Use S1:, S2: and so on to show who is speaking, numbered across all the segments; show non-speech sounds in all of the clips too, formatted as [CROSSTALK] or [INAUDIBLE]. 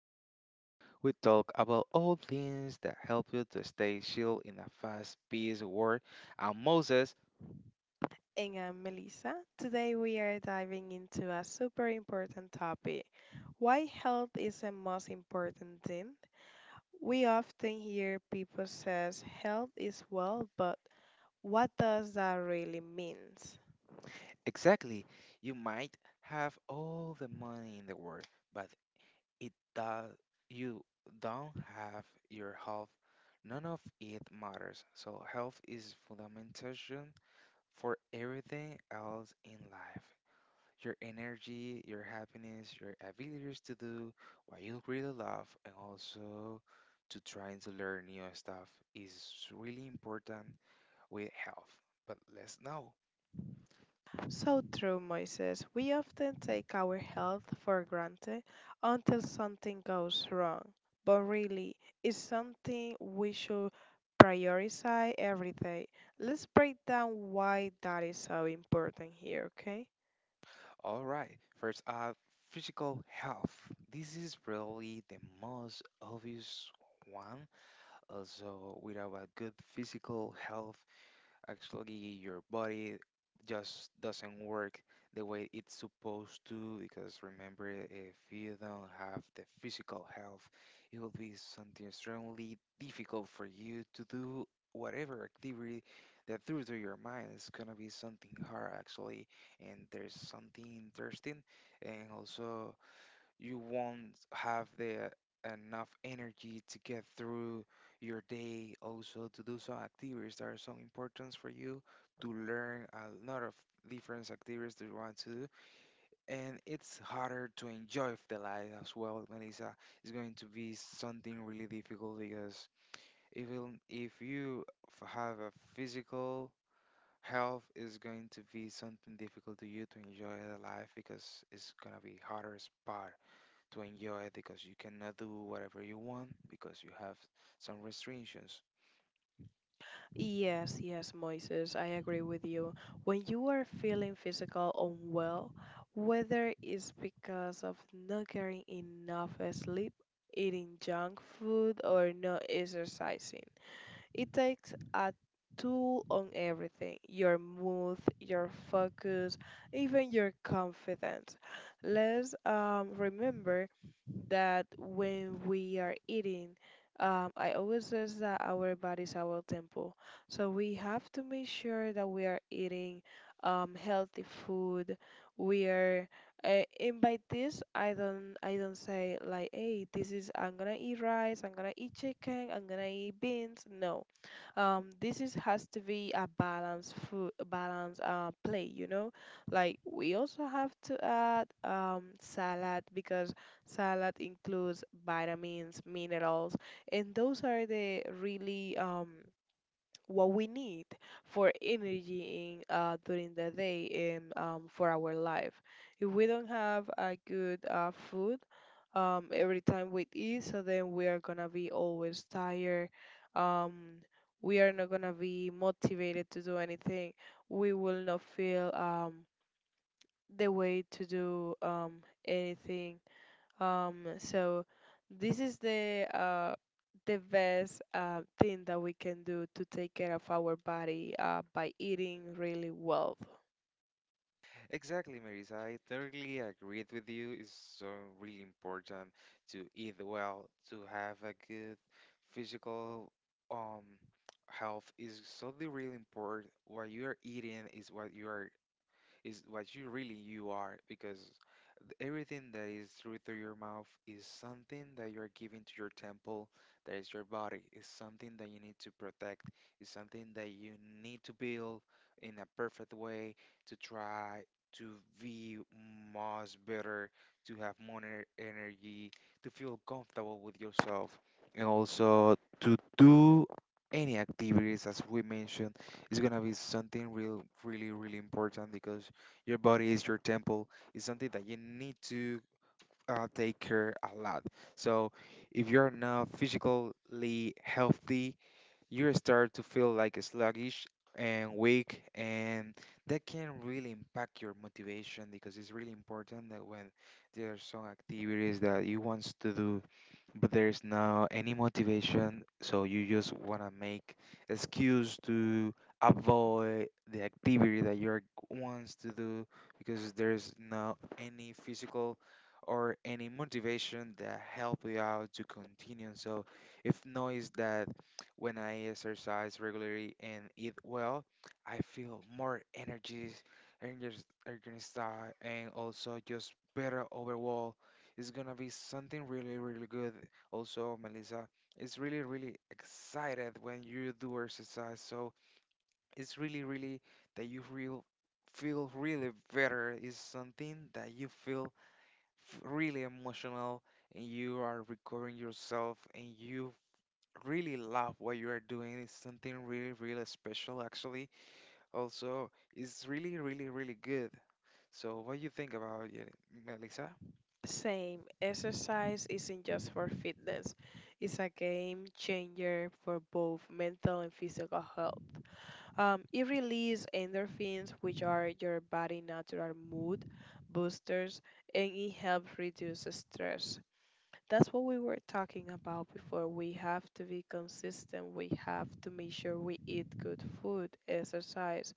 S1: show where we talk about all things that help you to stay shield in a fast-paced world. And Moses,
S2: And I'm Melissa. Today we are diving into a super important topic, why health is the most important thing. We often hear people says health is well, but what does that really mean?
S1: exactly, you might have all the money in the world, but it does you don't have your health. None of it matters. So health is fundamental for everything else in life. Your energy, your happiness, your abilities to do what you really love, and also to trying to learn new stuff is really important with health. But let's know.
S2: So true, Moises. We often take our health for granted until something goes wrong. But really, it's something we should prioritize every day. Let's break down why that is so important here, okay?
S1: All right, first up, physical health. This is probably the most obvious one. Also, without a good physical health, actually your body just doesn't work the way it's supposed to, because remember, if you don't have the physical health it will be something extremely difficult for you to do whatever activity that through to your mind is gonna be something hard actually. And there's something interesting, and also you won't have the enough energy to get through your day, also to do some activities that are so important for you, to learn a lot of different activities that you want to do. And it's harder to enjoy the life as well, Melissa. It's going to be something really difficult because even if you have a physical health, is going to be something difficult to you to enjoy the life because it's gonna be harder part to enjoy it, because you cannot do whatever you want because you have some restrictions.
S2: Yes, yes, Moises, I agree with you. When you are feeling physical unwell, whether it's because of not getting enough sleep, eating junk food, or not exercising, it takes a toll on everything, your mood, your focus, even your confidence. Let's remember that when we are eating, I always says that our body is our temple. So we have to make sure that we are eating healthy food. We are, and by this I don't say like, hey, this is I'm gonna eat rice, I'm gonna eat chicken, I'm gonna eat beans. No, this is has to be a balance food balance play you know like we also have to add salad because salad includes vitamins, minerals, and those are the really what we need for energy in, during the day, and for our life. If we don't have a good food, every time we eat, so then we are gonna be always tired. Um, we are not gonna be motivated to do anything. We will not feel the way to do anything, so this is the best thing that we can do to take care of our body, by eating really well.
S1: Exactly, Marisa. I totally agreed with you. It's so really important to eat well, to have a good physical um health is so the really important. What you are eating is what you are, is what you really you are, because everything that is through your mouth is something that you're giving to your temple, that is your body, is something that you need to protect, is something that you need to build in a perfect way to try to be much better, to have more energy, to feel comfortable with yourself, and also to do any activities as we mentioned is gonna be something real really really important because your body is your temple, is something that you need to take care a lot. So if you're not physically healthy, you start to feel like sluggish and weak, and that can really impact your motivation, because it's really important that when there are some activities that you want to do but there's no any motivation, so you just want to make excuse to avoid the activity that you're wants to do because there's no any physical or any motivation that help you out to continue. So if notice that when I exercise regularly and eat well, I feel more energies, energies, energized, and also just better overall, it's gonna be something really really good. Also, Melissa, it's really, really excited when you do exercise. So it's really, really that you real feel really better. It's something that you feel really emotional, and you are recovering yourself and you really love what you are doing. It's something really, really special actually. Also, it's really, really, really good. So what do you think about it, Melissa?
S2: Same, exercise isn't just for fitness. It's a game changer for both mental and physical health. It releases endorphins, which are your body natural mood boosters, and it helps reduce stress. That's what we were talking about before. We have to be consistent. We have to make sure we eat good food, exercise,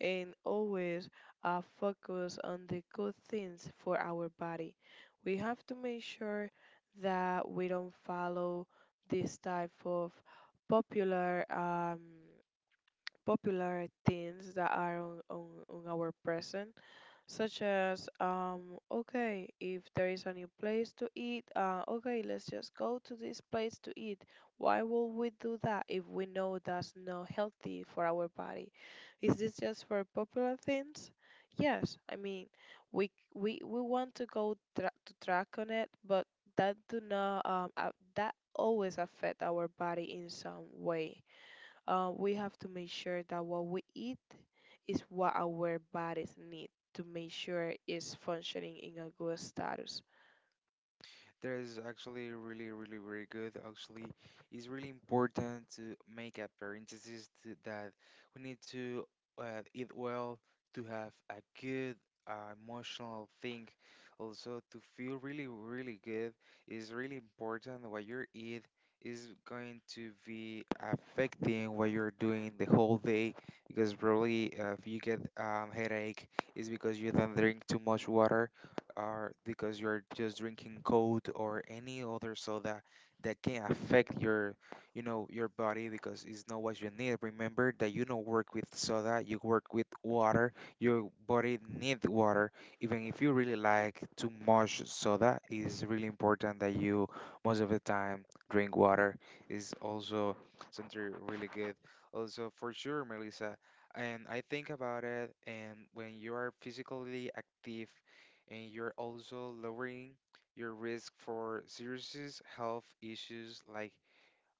S2: and always focus on the good things for our body. We have to make sure that we don't follow this type of popular popular things that are on, our present, such as okay, if there is a new place to eat, okay, let's just go to this place to eat. Why would we do that if we know that's not healthy for our body? Is this just for popular things? Yes, I mean, we want to to track on it, but that do not that always affect our body in some way. We have to make sure that what we eat is what our bodies need, to make sure it's functioning in a good status.
S1: That is actually really, really, really good. Actually, it's really important to make a parenthesis to that we need to eat well, to have a good emotional thing, also to feel really, really good is really important. What you eat is going to be affecting what you're doing the whole day because probably if you get headache, it's because you don't drink too much water, are because you're just drinking coke or any other soda that can affect your, you know, your body because it's not what you need. Remember that you don't work with soda, you work with water. Your body needs water. Even if you really like too much soda, it's really important that you most of the time drink water. Is also something really good. Also for sure, Melissa, and I think about it, and when you are physically active, and you're also lowering your risk for serious health issues like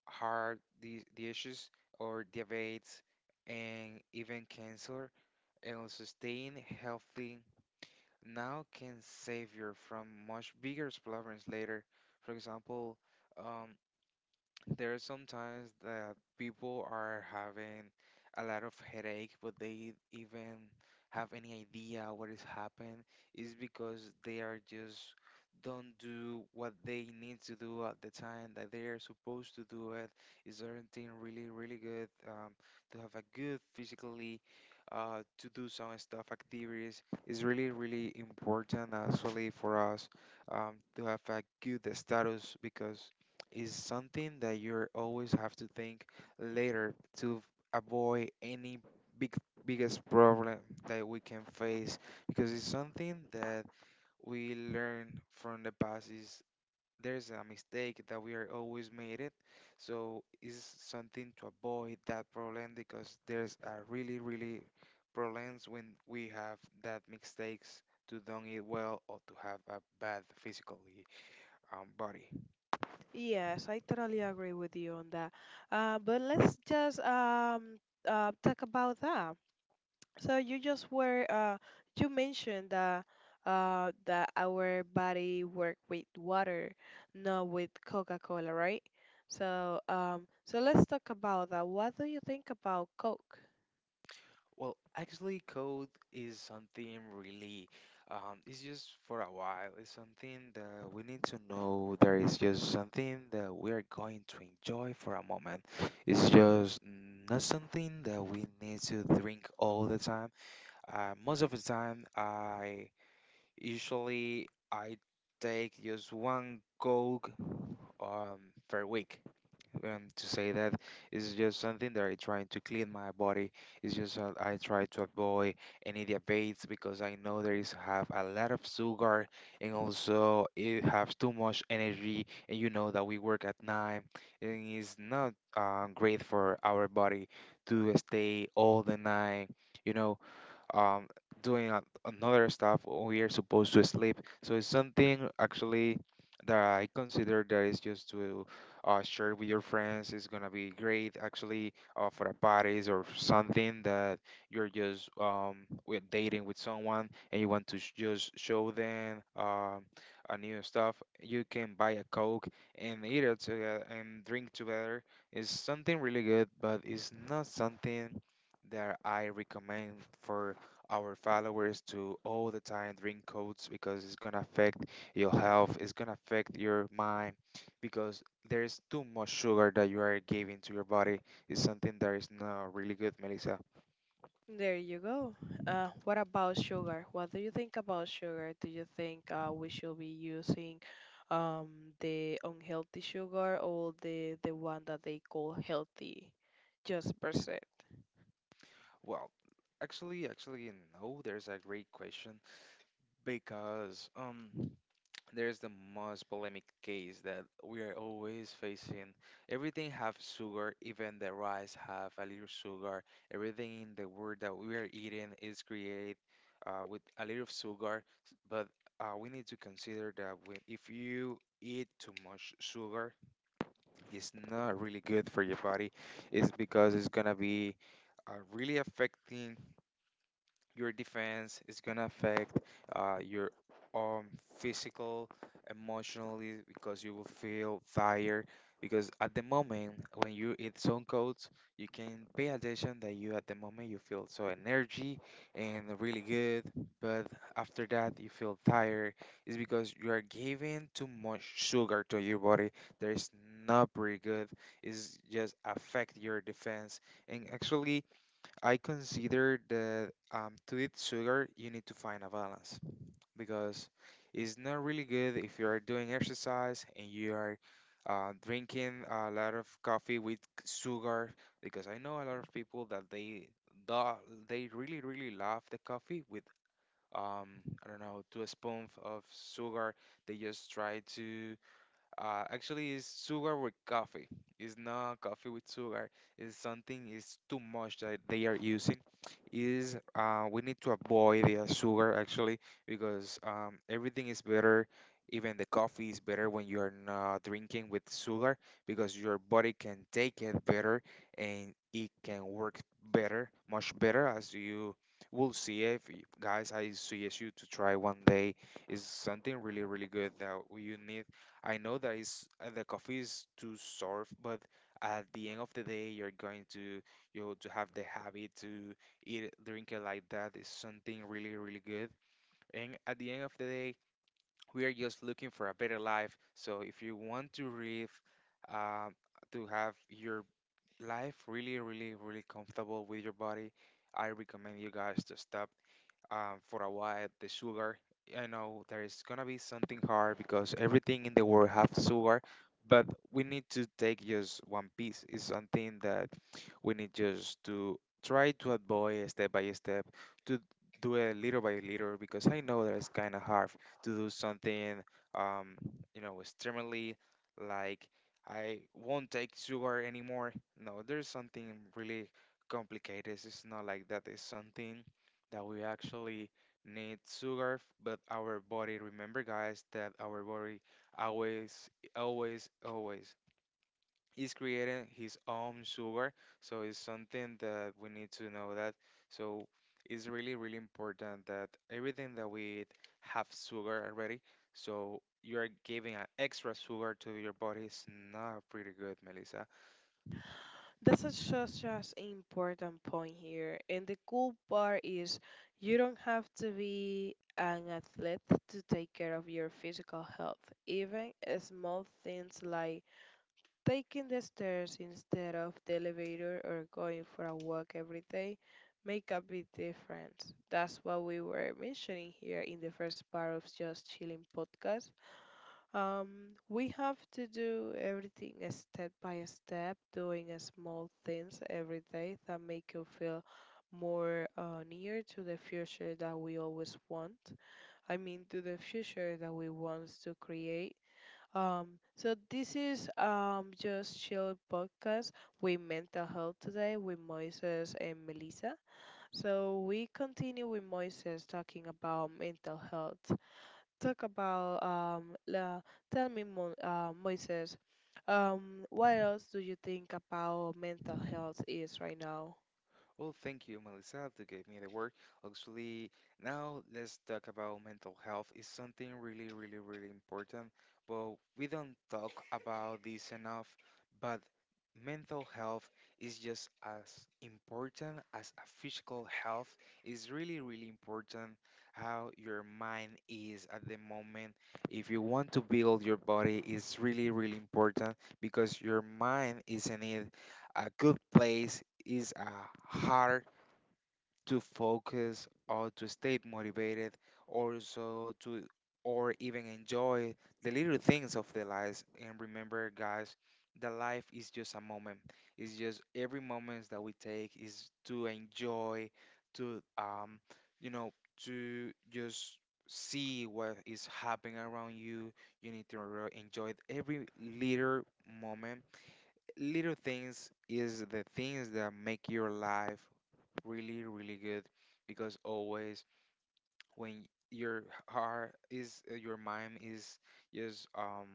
S1: heart issues or diabetes and even cancer. And also staying healthy now can save you from much bigger problems later. For example, um, there are sometimes that people are having a lot of headache, but they even have any idea what is happening, is because they are just don't do what they need to do at the time that they are supposed to do it. Is something really, really good to have a good physically to do some stuff activities is really, really important actually for us to have a good status because is something that you always have to think later to avoid any big biggest problem that we can face because it's something that we learn from the past is there's a mistake that we are always made it, so it's something to avoid that problem because there's a really really problems when we have that mistakes to don't eat well or to have a bad physically body.
S2: Yes, I totally agree with you on that. But let's just talk about that. So you just were you mentioned that that our body work with water, not with Coca-Cola, right? So so let's talk about that. What do you think about Coke?
S1: Well, actually, code is something really, it's just for a while. It's something that we need to know. There is just something that we are going to enjoy for a moment. It's just not something that we need to drink all the time. Most of the time, I usually I take just one coke um per week, and to say that it's just something that I try to clean my body. It's just that I try to avoid any debates because I know there is have a lot of sugar, and also it have too much energy. And you know that we work at night and it's not great for our body to stay all the night. You know, um, doing another stuff when we are supposed to sleep. So it's something actually that I consider that is just to share with your friends. It's gonna be great actually for a parties or something that you're just with dating with someone and you want to just show them a new stuff. You can buy a Coke and eat it together and drink together. It's something really good, but it's not something that I recommend for our followers to all the time drink codes because it's gonna affect your health, it's gonna affect your mind because there is too much sugar that you are giving to your body. It's something that is not really good, Melissa.
S2: There you go. What about sugar? What do you think about sugar? Do you think we should be using um, the unhealthy sugar or the one that they call healthy, just percent?
S1: Well, actually, no, there's a great question because there's the most polemic case that we are always facing. Everything have sugar, even the rice have a little sugar. Everything in the world that we are eating is created with a little of sugar. But we need to consider that when, if you eat too much sugar, it's not really good for your body. It's because it's gonna be really affecting your defense, is gonna affect your um physical emotionally because you will feel tired, because at the moment when you eat some coats you can pay attention that you at the moment you feel so energy and really good, but after that you feel tired. It's because you are giving too much sugar to your body. There is not pretty good, it's just affect your defense. And actually I consider that to eat sugar, you need to find a balance, because it's not really good if you are doing exercise and you are drinking a lot of coffee with sugar. Because I know a lot of people that they they really really love the coffee with um, I don't know, 2 spoons of sugar. They just try to actually, it's sugar with coffee. It's not coffee with sugar. It's something, it's too much that they are using. Is we need to avoid the sugar actually because everything is better. Even the coffee is better when you are not drinking with sugar because your body can take it better and it can work better, much better. As you will see, if guys, I suggest you to try one day. It's something really really good that you need. I know that is the coffee is too sour, but at the end of the day, you're going to, you know, to have the habit to drink it like that is something really really good. And at the end of the day, we are just looking for a better life. So if you want to live, uh, to have your life really really really comfortable with your body, I recommend you guys to stop for a while the sugar. I know there is gonna be something hard because everything in the world has sugar, but we need to take just one piece. It's something that we need just to try to avoid step by step, to do it little by little because I know that it's kind of hard to do something, um, extremely, like, I won't take sugar anymore. No, there's something really complicated. It's not like that. It's something that we actually need sugar, but our body, remember guys, that our body always, always, always is creating his own sugar. So it's something that we need to know that. So it's really, really important that everything that we eat have sugar already. So you are giving an extra sugar to your body. It's not pretty good, Melissa.
S2: That's a- such an important point here. And the cool part is you don't have to be an athlete to take care of your physical health. Even small things like taking the stairs instead of the elevator or going for a walk every day make a big difference. That's what we were mentioning here in the first part of Just Chilling podcast. We have to do everything a step by step, doing a small things every day that make you feel more near to the future that we always want. I mean, to the future that we want to create. So this is Just Chill podcast, with mental health today, with Moises and Melissa. So we continue with Moises talking about mental health, talk about tell me Moises, what else do you think about mental health is right now?
S1: Well, thank you, Melissa, to give me the word. Actually, now let's talk about mental health. It's something really, really, really important, but we don't talk about this enough. But mental health is just as important as a physical health. It's really, really important how your mind is at the moment. If you want to build your body, it's really, really important because your mind is in it a good place is hard to focus or to stay motivated, also to, or even enjoy the little things of the lives. And remember guys, the life is just a moment. It's just every moment that we take is to enjoy, to you know to just see what is happening around you. You need to enjoy every little moment. Little things is the things that make your life really, really good, because always when your heart is your mind is just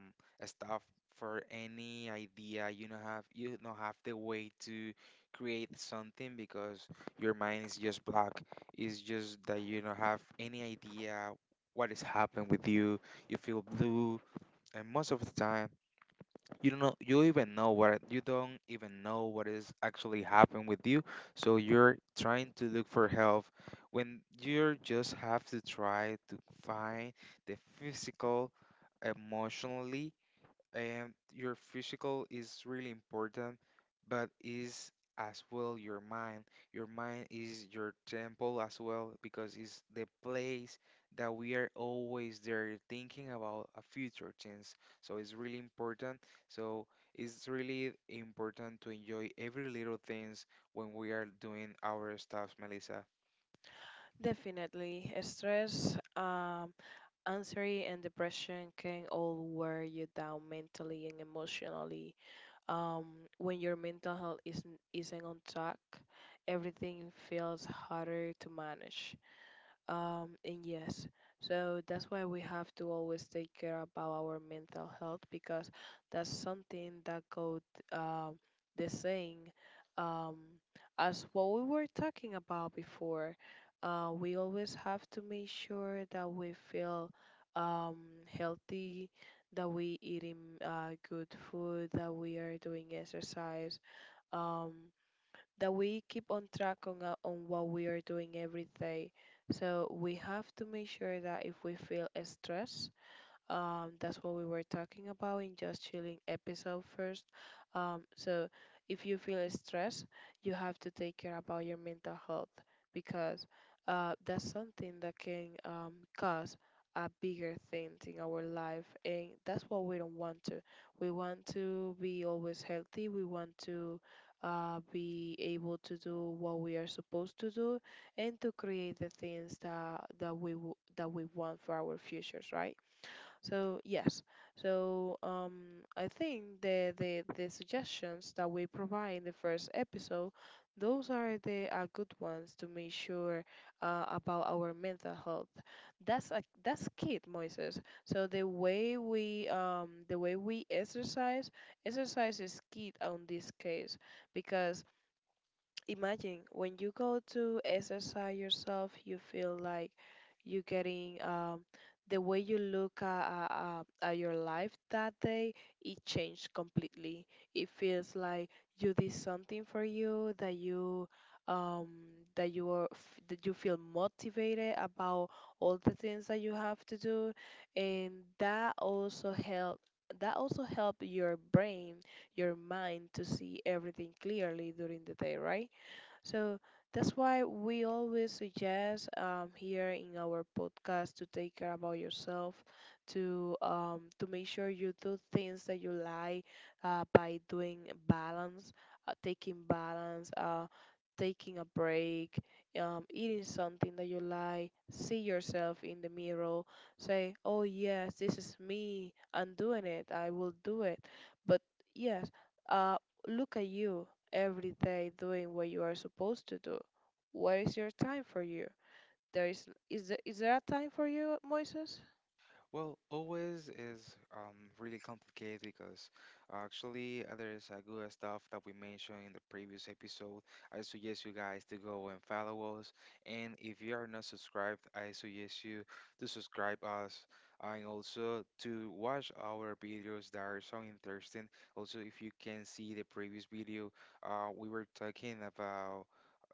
S1: stuff for any idea, you don't have, you don't have the way to create something because your mind is just blocked. It's just that you don't have any idea what is happening with you. You feel blue, and most of the time you don't even know what is actually happened with you, so you're trying to look for help when you just have to try to find the physical, emotionally, and your physical is really important, but is as well your mind. Your mind is your temple as well because it's the place that we are always there thinking about a future things. So it's really important. So it's really important to enjoy every little things when we are doing our stuff, Melissa.
S2: Definitely, stress, anxiety, and depression can all wear you down mentally and emotionally. When your mental health isn't on track, everything feels harder to manage. And yes, so that's why we have to always take care about our mental health, because that's something that goes um, the same um, as what we were talking about before. We always have to make sure that we feel um, healthy, that we eating good food, that we are doing exercise. Um, that we keep on track on what we are doing every day. So we have to make sure that if we feel stress, that's what we were talking about in Just Chilling episode first. So if you feel stressed, you have to take care about your mental health, because that's something that can cause a bigger thing in our life, and that's what we don't want to. We want to be always healthy, we want to be able to do what we are supposed to do, and to create the things that we want for our futures, right? So yes, so I think the suggestions that we provide in the first episode, those are the good ones to make sure about our mental health. That's key, Moises. So the way we exercise, exercise is key on this case, because imagine when you go to exercise yourself, you feel like you're getting the way you look at your life that day, it changed completely. It feels like you did something for you that you um, that you feel motivated about all the things that you have to do, and that also help that also help your brain, your mind, to see everything clearly during the day, right? So that's why we always suggest here in our podcast to take care about yourself, to make sure you do things that you like, by doing balance, taking balance, taking a break, eating something that you like, see yourself in the mirror, say, oh yes, this is me, I'm doing it, I will do it. But yes, uh, look at you every day doing what you are supposed to do. What is your time for you? There is is there a time for you, Moises?
S1: Well, always is really complicated because actually there is a good stuff that we mentioned in the previous episode. I suggest you guys to go and follow us. And if you are not subscribed, I suggest you to subscribe us and also to watch our videos that are so interesting. Also, if you can see the previous video, we were talking about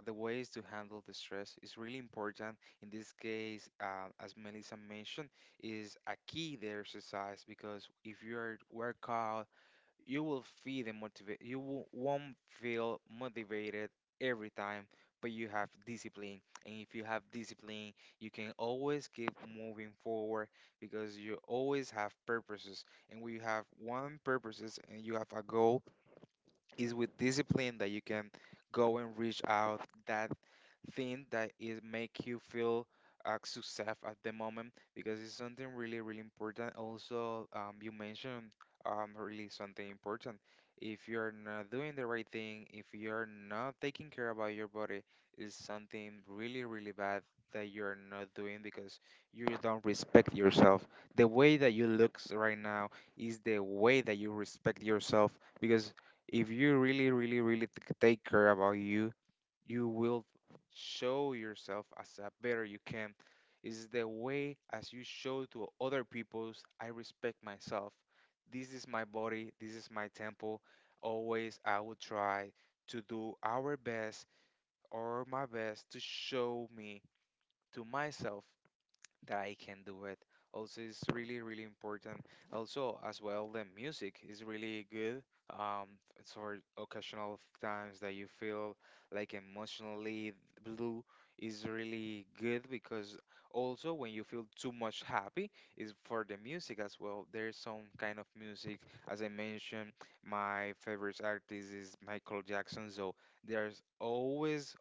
S1: the ways to handle the stress. It's really important in this case, as Melissa mentioned, is a key there, exercise, because if you are workout, you will feel the motivate. You won't feel motivated every time, but you have discipline. And if you have discipline, you can always keep moving forward because you always have purposes. And when you have one purposes and you have a goal, it's with discipline that you can go and reach out that thing that is make you feel success at the moment, because it's something really really important. Also, you mentioned really something important. If you're not doing the right thing, if you're not taking care about your body, is something really really bad that you're not doing because you don't respect yourself. The way that you look right now is the way that you respect yourself, because if you really really really take care about you, you will show yourself as a better you can, is the way as you show to other people's, I respect myself, this is my body, this is my temple. Always I will try to do our best or my best to show me to myself that I can do it. Also, it's really, really important. Also, as well, the music is really good. Um, it's for occasional times that you feel like emotionally blue, is really good because also when you feel too much happy is for the music as well. There's some kind of music, as I mentioned, my favorite artist is Michael Jackson, so there's always,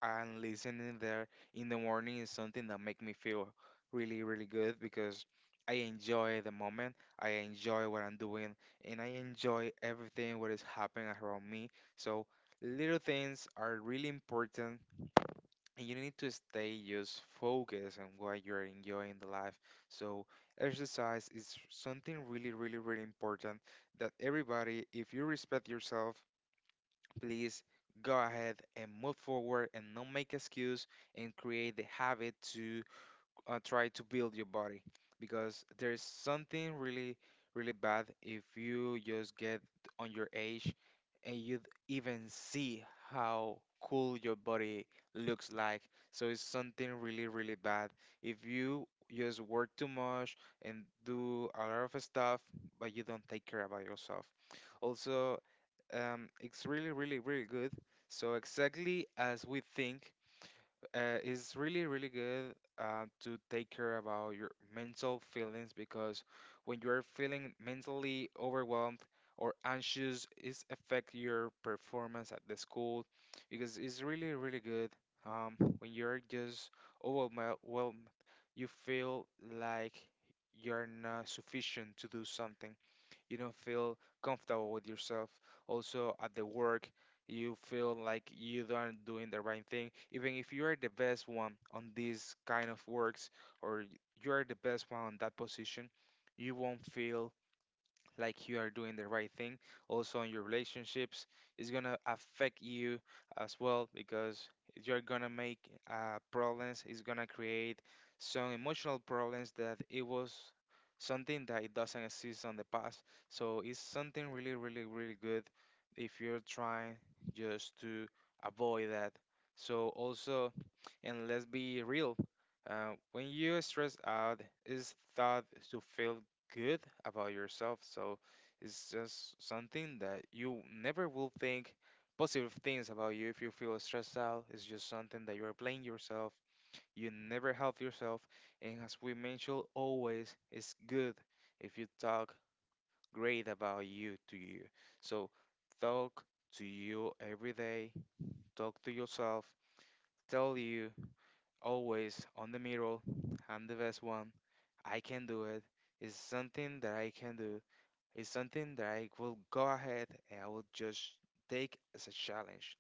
S1: and listening there in the morning is something that make me feel really, really good because I enjoy the moment, I enjoy what I'm doing, and I enjoy everything what is happening around me. So little things are really important, and you need to stay just focused on what you're enjoying the life. So exercise is something really, really, really important that everybody, if you respect yourself, please go ahead and move forward and not make excuse and create the habit to try to build your body, because there's something really really bad if you just get on your age and you even see how cool your body looks like. So it's something really really bad if you just work too much and do a lot of stuff but you don't take care about yourself. Also, it's really, really, really good. So exactly as we think, it's really, really good to take care about your mental feelings, because when you are feeling mentally overwhelmed or anxious, it affect your performance at the school, because it's really, really good. When you're just overwhelmed, you feel like you're not sufficient to do something, you don't feel comfortable with yourself. Also at the work, you feel like you aren't doing the right thing. Even if you are the best one on these kind of works, or you are the best one on that position, you won't feel like you are doing the right thing. Also in your relationships, it's gonna affect you as well, because you're gonna make problems, it's gonna create some emotional problems that it was something that it doesn't exist on the past. So it's something really really really good if you're trying just to avoid that. So also, and let's be real, when you stress out, it's thought to feel good about yourself. So it's just something that you never will think positive things about you if you feel stressed out. It's just something that you are blaming yourself. You never help yourself. And as we mentioned, always it's good if you talk great about you to you. So talk to you every day, talk to yourself, tell you always on the mirror, I'm the best one. I can do it. It's something that I can do. It's something that I will go ahead and I will just take as a challenge.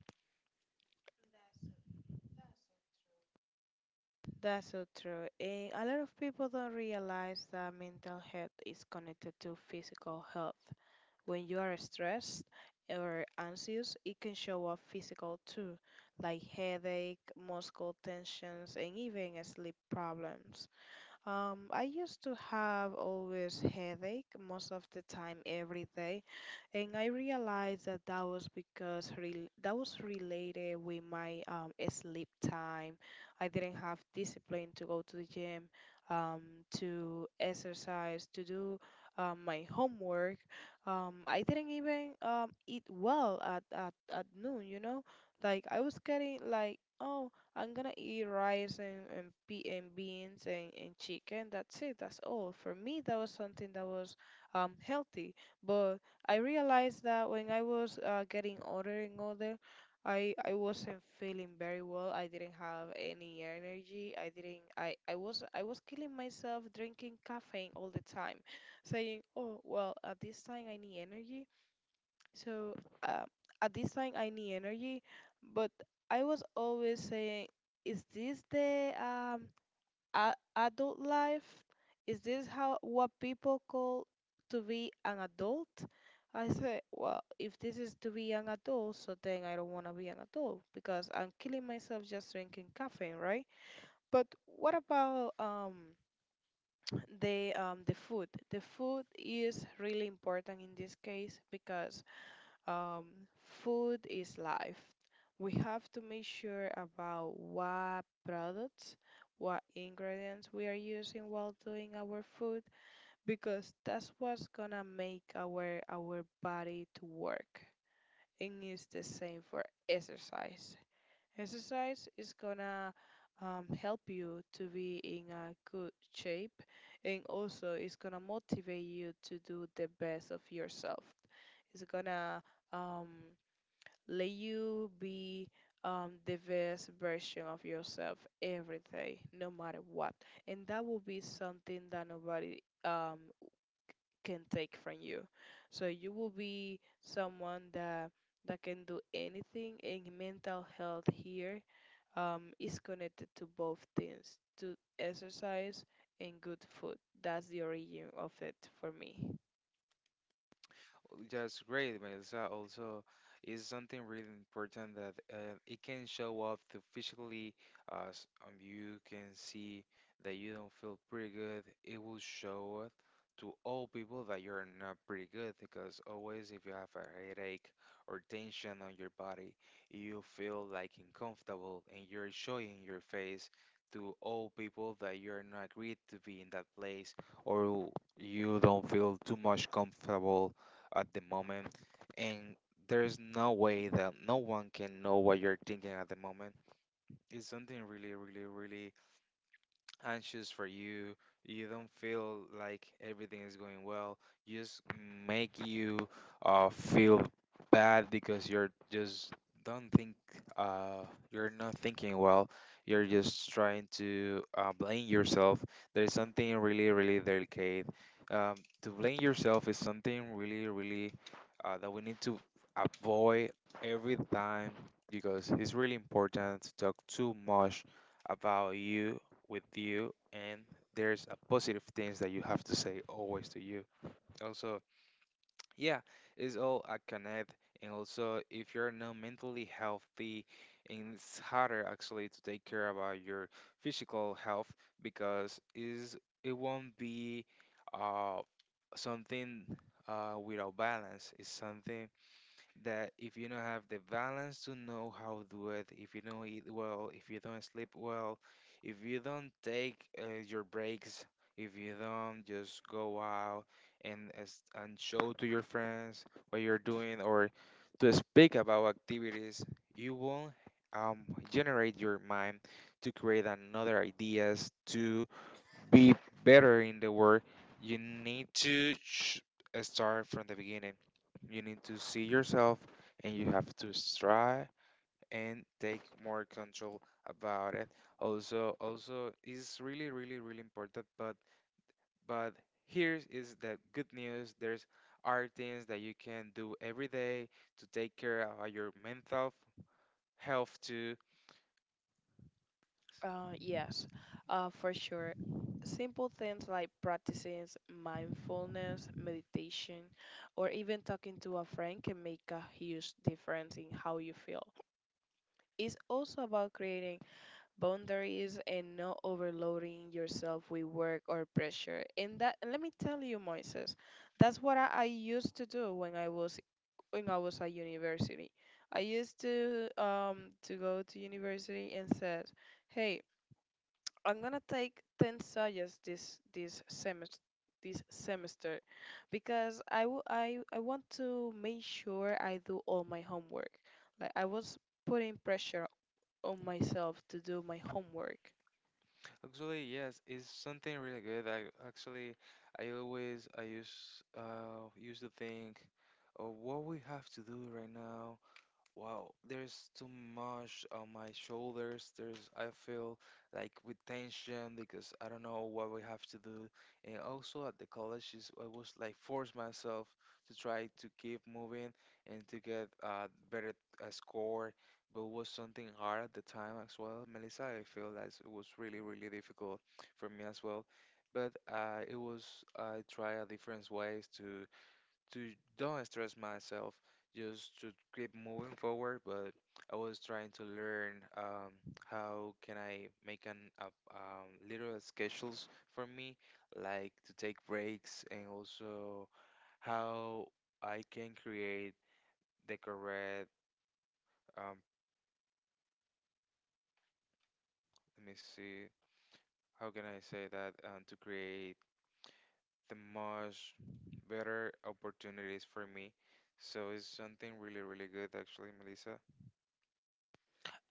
S2: That's so true. And a lot of people don't realize that mental health is connected to physical health. When you are stressed or anxious, it can show up physical too, like headache, muscle tensions, and even sleep problems. I used to have always headache most of the time every day, and I realized that that was because rel that was related with my sleep time. I didn't have discipline to go to the gym, um, to exercise, to do my homework. I didn't even eat well at noon, you know? Like I was getting like, oh, I'm gonna eat rice, and beans, and chicken. That's it. That's all. For me, that was something that was healthy. But I realized that when I was getting older and older, I wasn't feeling very well. I didn't have any energy. I didn't. I was killing myself drinking caffeine all the time, saying, "Oh well, at this time I need energy." So uh, at this time I need energy, but I was always saying, "Is this the a- adult life? Is this how what people call to be an adult?" I said, well, if this is to be an adult, so then I don't want to be an adult, because I'm killing myself just drinking caffeine, right? But what about [TSK] the food? The food is really important in this case, because um, food is life. We have to make sure about what products, what ingredients we are using while doing our food, because that's what's gonna make our body to work. And it's the same for exercise. Exercise is gonna help you to be in a good shape, and also it's gonna motivate you to do the best of yourself. It's gonna um, let you be the best version of yourself every day, no matter what. And that will be something that nobody can take from you. So you will be someone that can do anything. And mental health here is connected to both things, to exercise and good food. That's the origin of it for me.
S1: Just great, but it's also is something really important that it can show up to physically. You can see that you don't feel pretty good. It will show it to all people that you're not pretty good, because always if you have a headache or tension on your body, you feel like uncomfortable and you're showing your face to all people that you're not agreed to be in that place, or you don't feel too much comfortable at the moment, and there's no way that no one can know what you're thinking at the moment. It's something really, really, really anxious for you. You don't feel like everything is going well. You just make you feel bad because you're just don't think uh, you're not thinking well. You're just trying to blame yourself. There is something really, really delicate. Um, to blame yourself is something really, really that we need to avoid every time, because it's really important to talk too much about you with you, and there's a positive things that you have to say always to you. Also, yeah, it's all a connect. And also if you're not mentally healthy, and it's harder actually to take care about your physical health because is it won't be uh something without balance. It's something that if you don't have the balance to know how to do it, if you don't eat well, if you don't sleep well, if you don't take your breaks, if you don't just go out and as, and show to your friends what you're doing or to speak about activities, you won't um, generate your mind to create another ideas to be better in the world. You need to start from the beginning. You need to see yourself and you have to try and take more control about it. Also, also is really, really, really important. But, here is the good news. There's are things that you can do every day to take care of your mental health too.
S2: Yes, for sure. Simple things like practicing mindfulness, meditation, or even talking to a friend can make a huge difference in how you feel. It's also about creating boundaries and not overloading yourself with work or pressure. And let me tell you, Moises, that's what I used to do when I was at university. I used to go to university and said, "Hey, I'm gonna take 10 science this semester this semester because I w- I want to make sure I do all my homework. Like I was putting pressure on myself to do my homework
S1: Actually, yes, it's something really good. I actually, I always, I use, used to think of what we have to do right now. Wow, there's too much on my shoulders. There's, I feel like with tension because I don't know what we have to do. And also at the college, is I was like force myself to try to keep moving and to get a better score. But it was something hard at the time as well. Melissa, I feel that it was really, really difficult for me as well. But it was, I try a different ways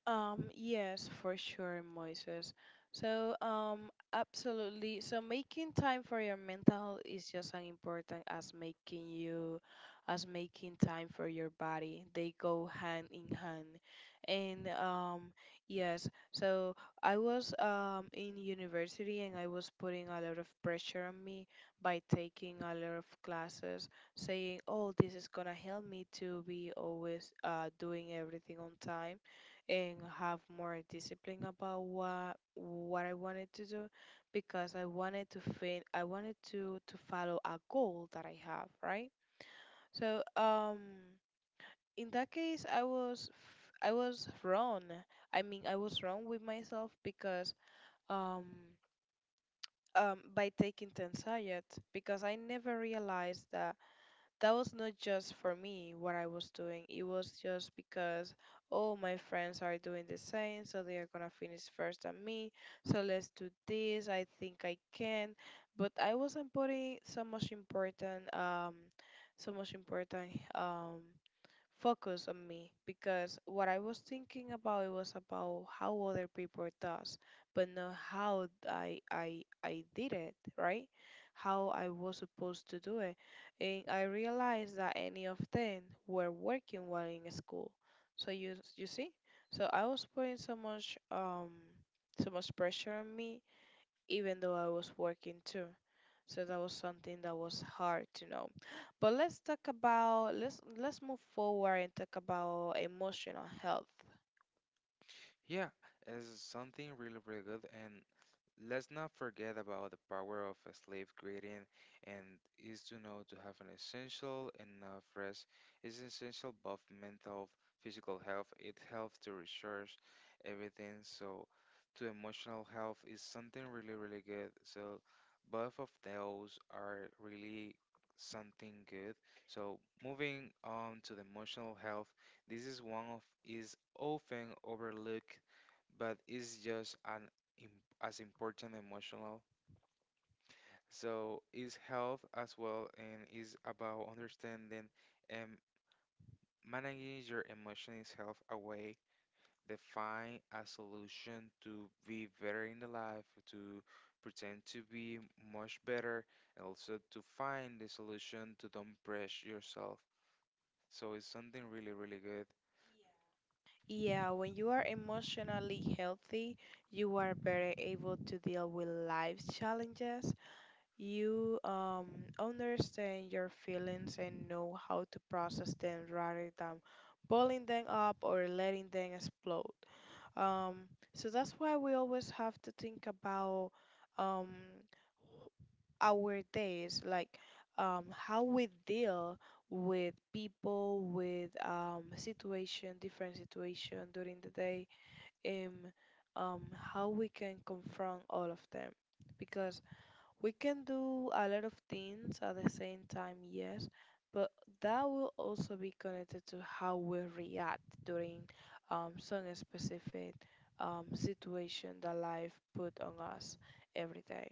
S2: Um, yes, for sure, Moises. Absolutely. So, making time for your mental health is just as important as as making time for your body. They go hand in hand. And, yes. So, I was, in university and I was putting a lot of pressure on me by taking a lot of classes, saying, oh, this is gonna help me to be always, doing everything on time and have more discipline about what I wanted to do because I wanted to fin I wanted to follow a goal that I have, right? So, in that case, I was wrong. I mean, I was wrong with myself because um by taking Tanzayat, because I never realized that that was not just for me what I was doing. It was just because all my friends are doing the same, so they are gonna finish first than me. So let's do this. I think I can, but I wasn't putting so much important, so much important, focus on me because what I was thinking about it was about how other people does, but not how I did it, right? How I was supposed to do it. And I realized that any of them were working while in school. So you see? So I was putting so much pressure on me even though I was working too. So that was something that was hard to know. But let's move forward and talk about emotional health. Yeah, when you are emotionally healthy, you are better able to deal with life's challenges. You understand your feelings and know how to process them rather than bottling them up or letting them explode. Um, so that's why we always have to think about um, our days, like how we deal with people, with situation, different situation during the day, and um, how we can confront all of them. Because we can do a lot of things at the same time, yes, but that will also be connected to how we react during some specific situation that life put on us every day.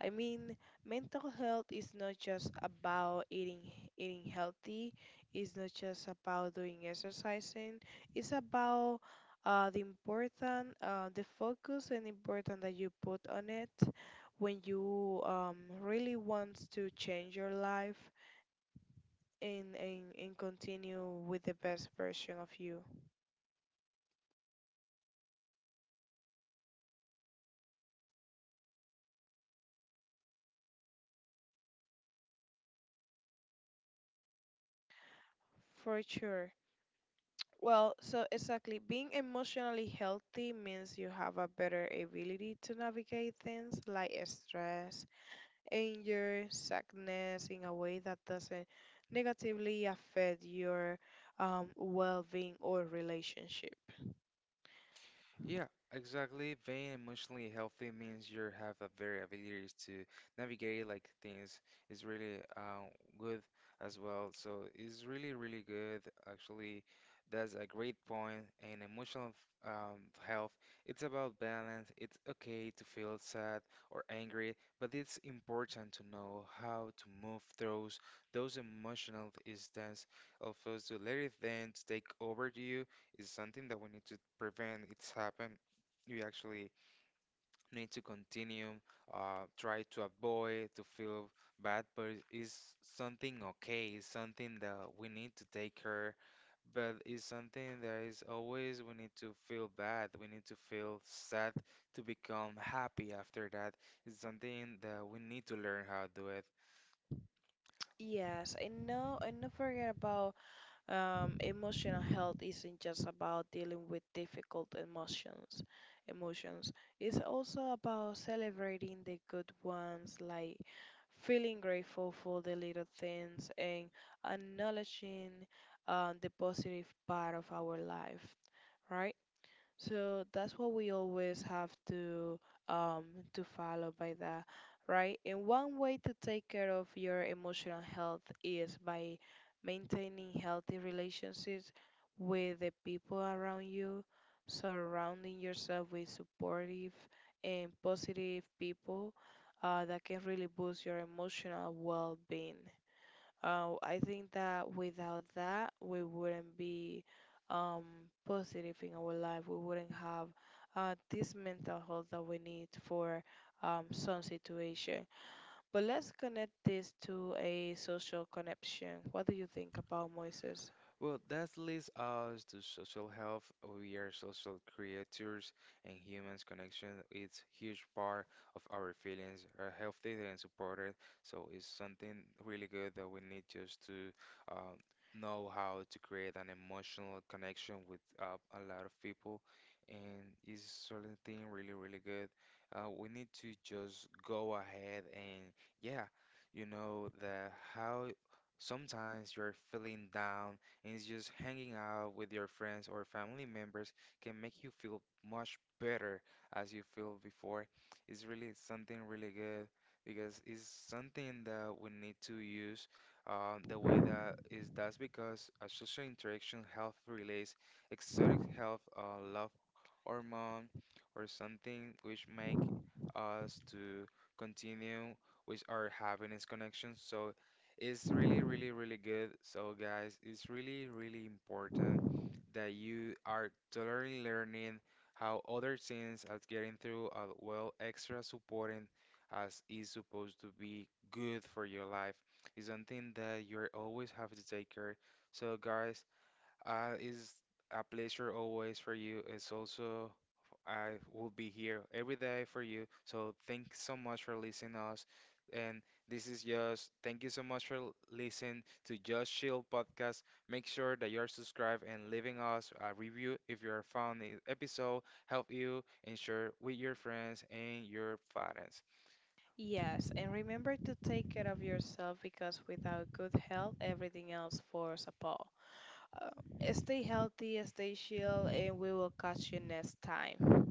S2: I mean, mental health is not just about eating healthy. It's not just about doing exercising. It's about the focus and important that you put on it when you really want to change your life and, and continue with the best version of you. For sure. Well, so exactly, being emotionally healthy means you have a better ability to navigate things like stress, anger, sadness in a way that doesn't negatively affect your well-being or relationship. Yes, and no, and don't forget about. Emotional health isn't just about dealing with difficult emotions. Emotions. It's also about celebrating the good ones, like feeling grateful for the little things and acknowledging the positive part of our life, right? So that's what we always have to um follow by that, right? And one way to take care of your emotional health is by maintaining healthy relationships with the people around you, surrounding yourself with supportive and positive people that can really boost your emotional well-being. I think that without that, we wouldn't be um, positive in our life. We wouldn't have this mental health that we need for some situation. But let's connect this to a social connection. What do you think about Moises? Yes, and remember to take care of yourself because without good health, everything else falls apart. Um, Stay healthy, stay chill, and we will catch you next time.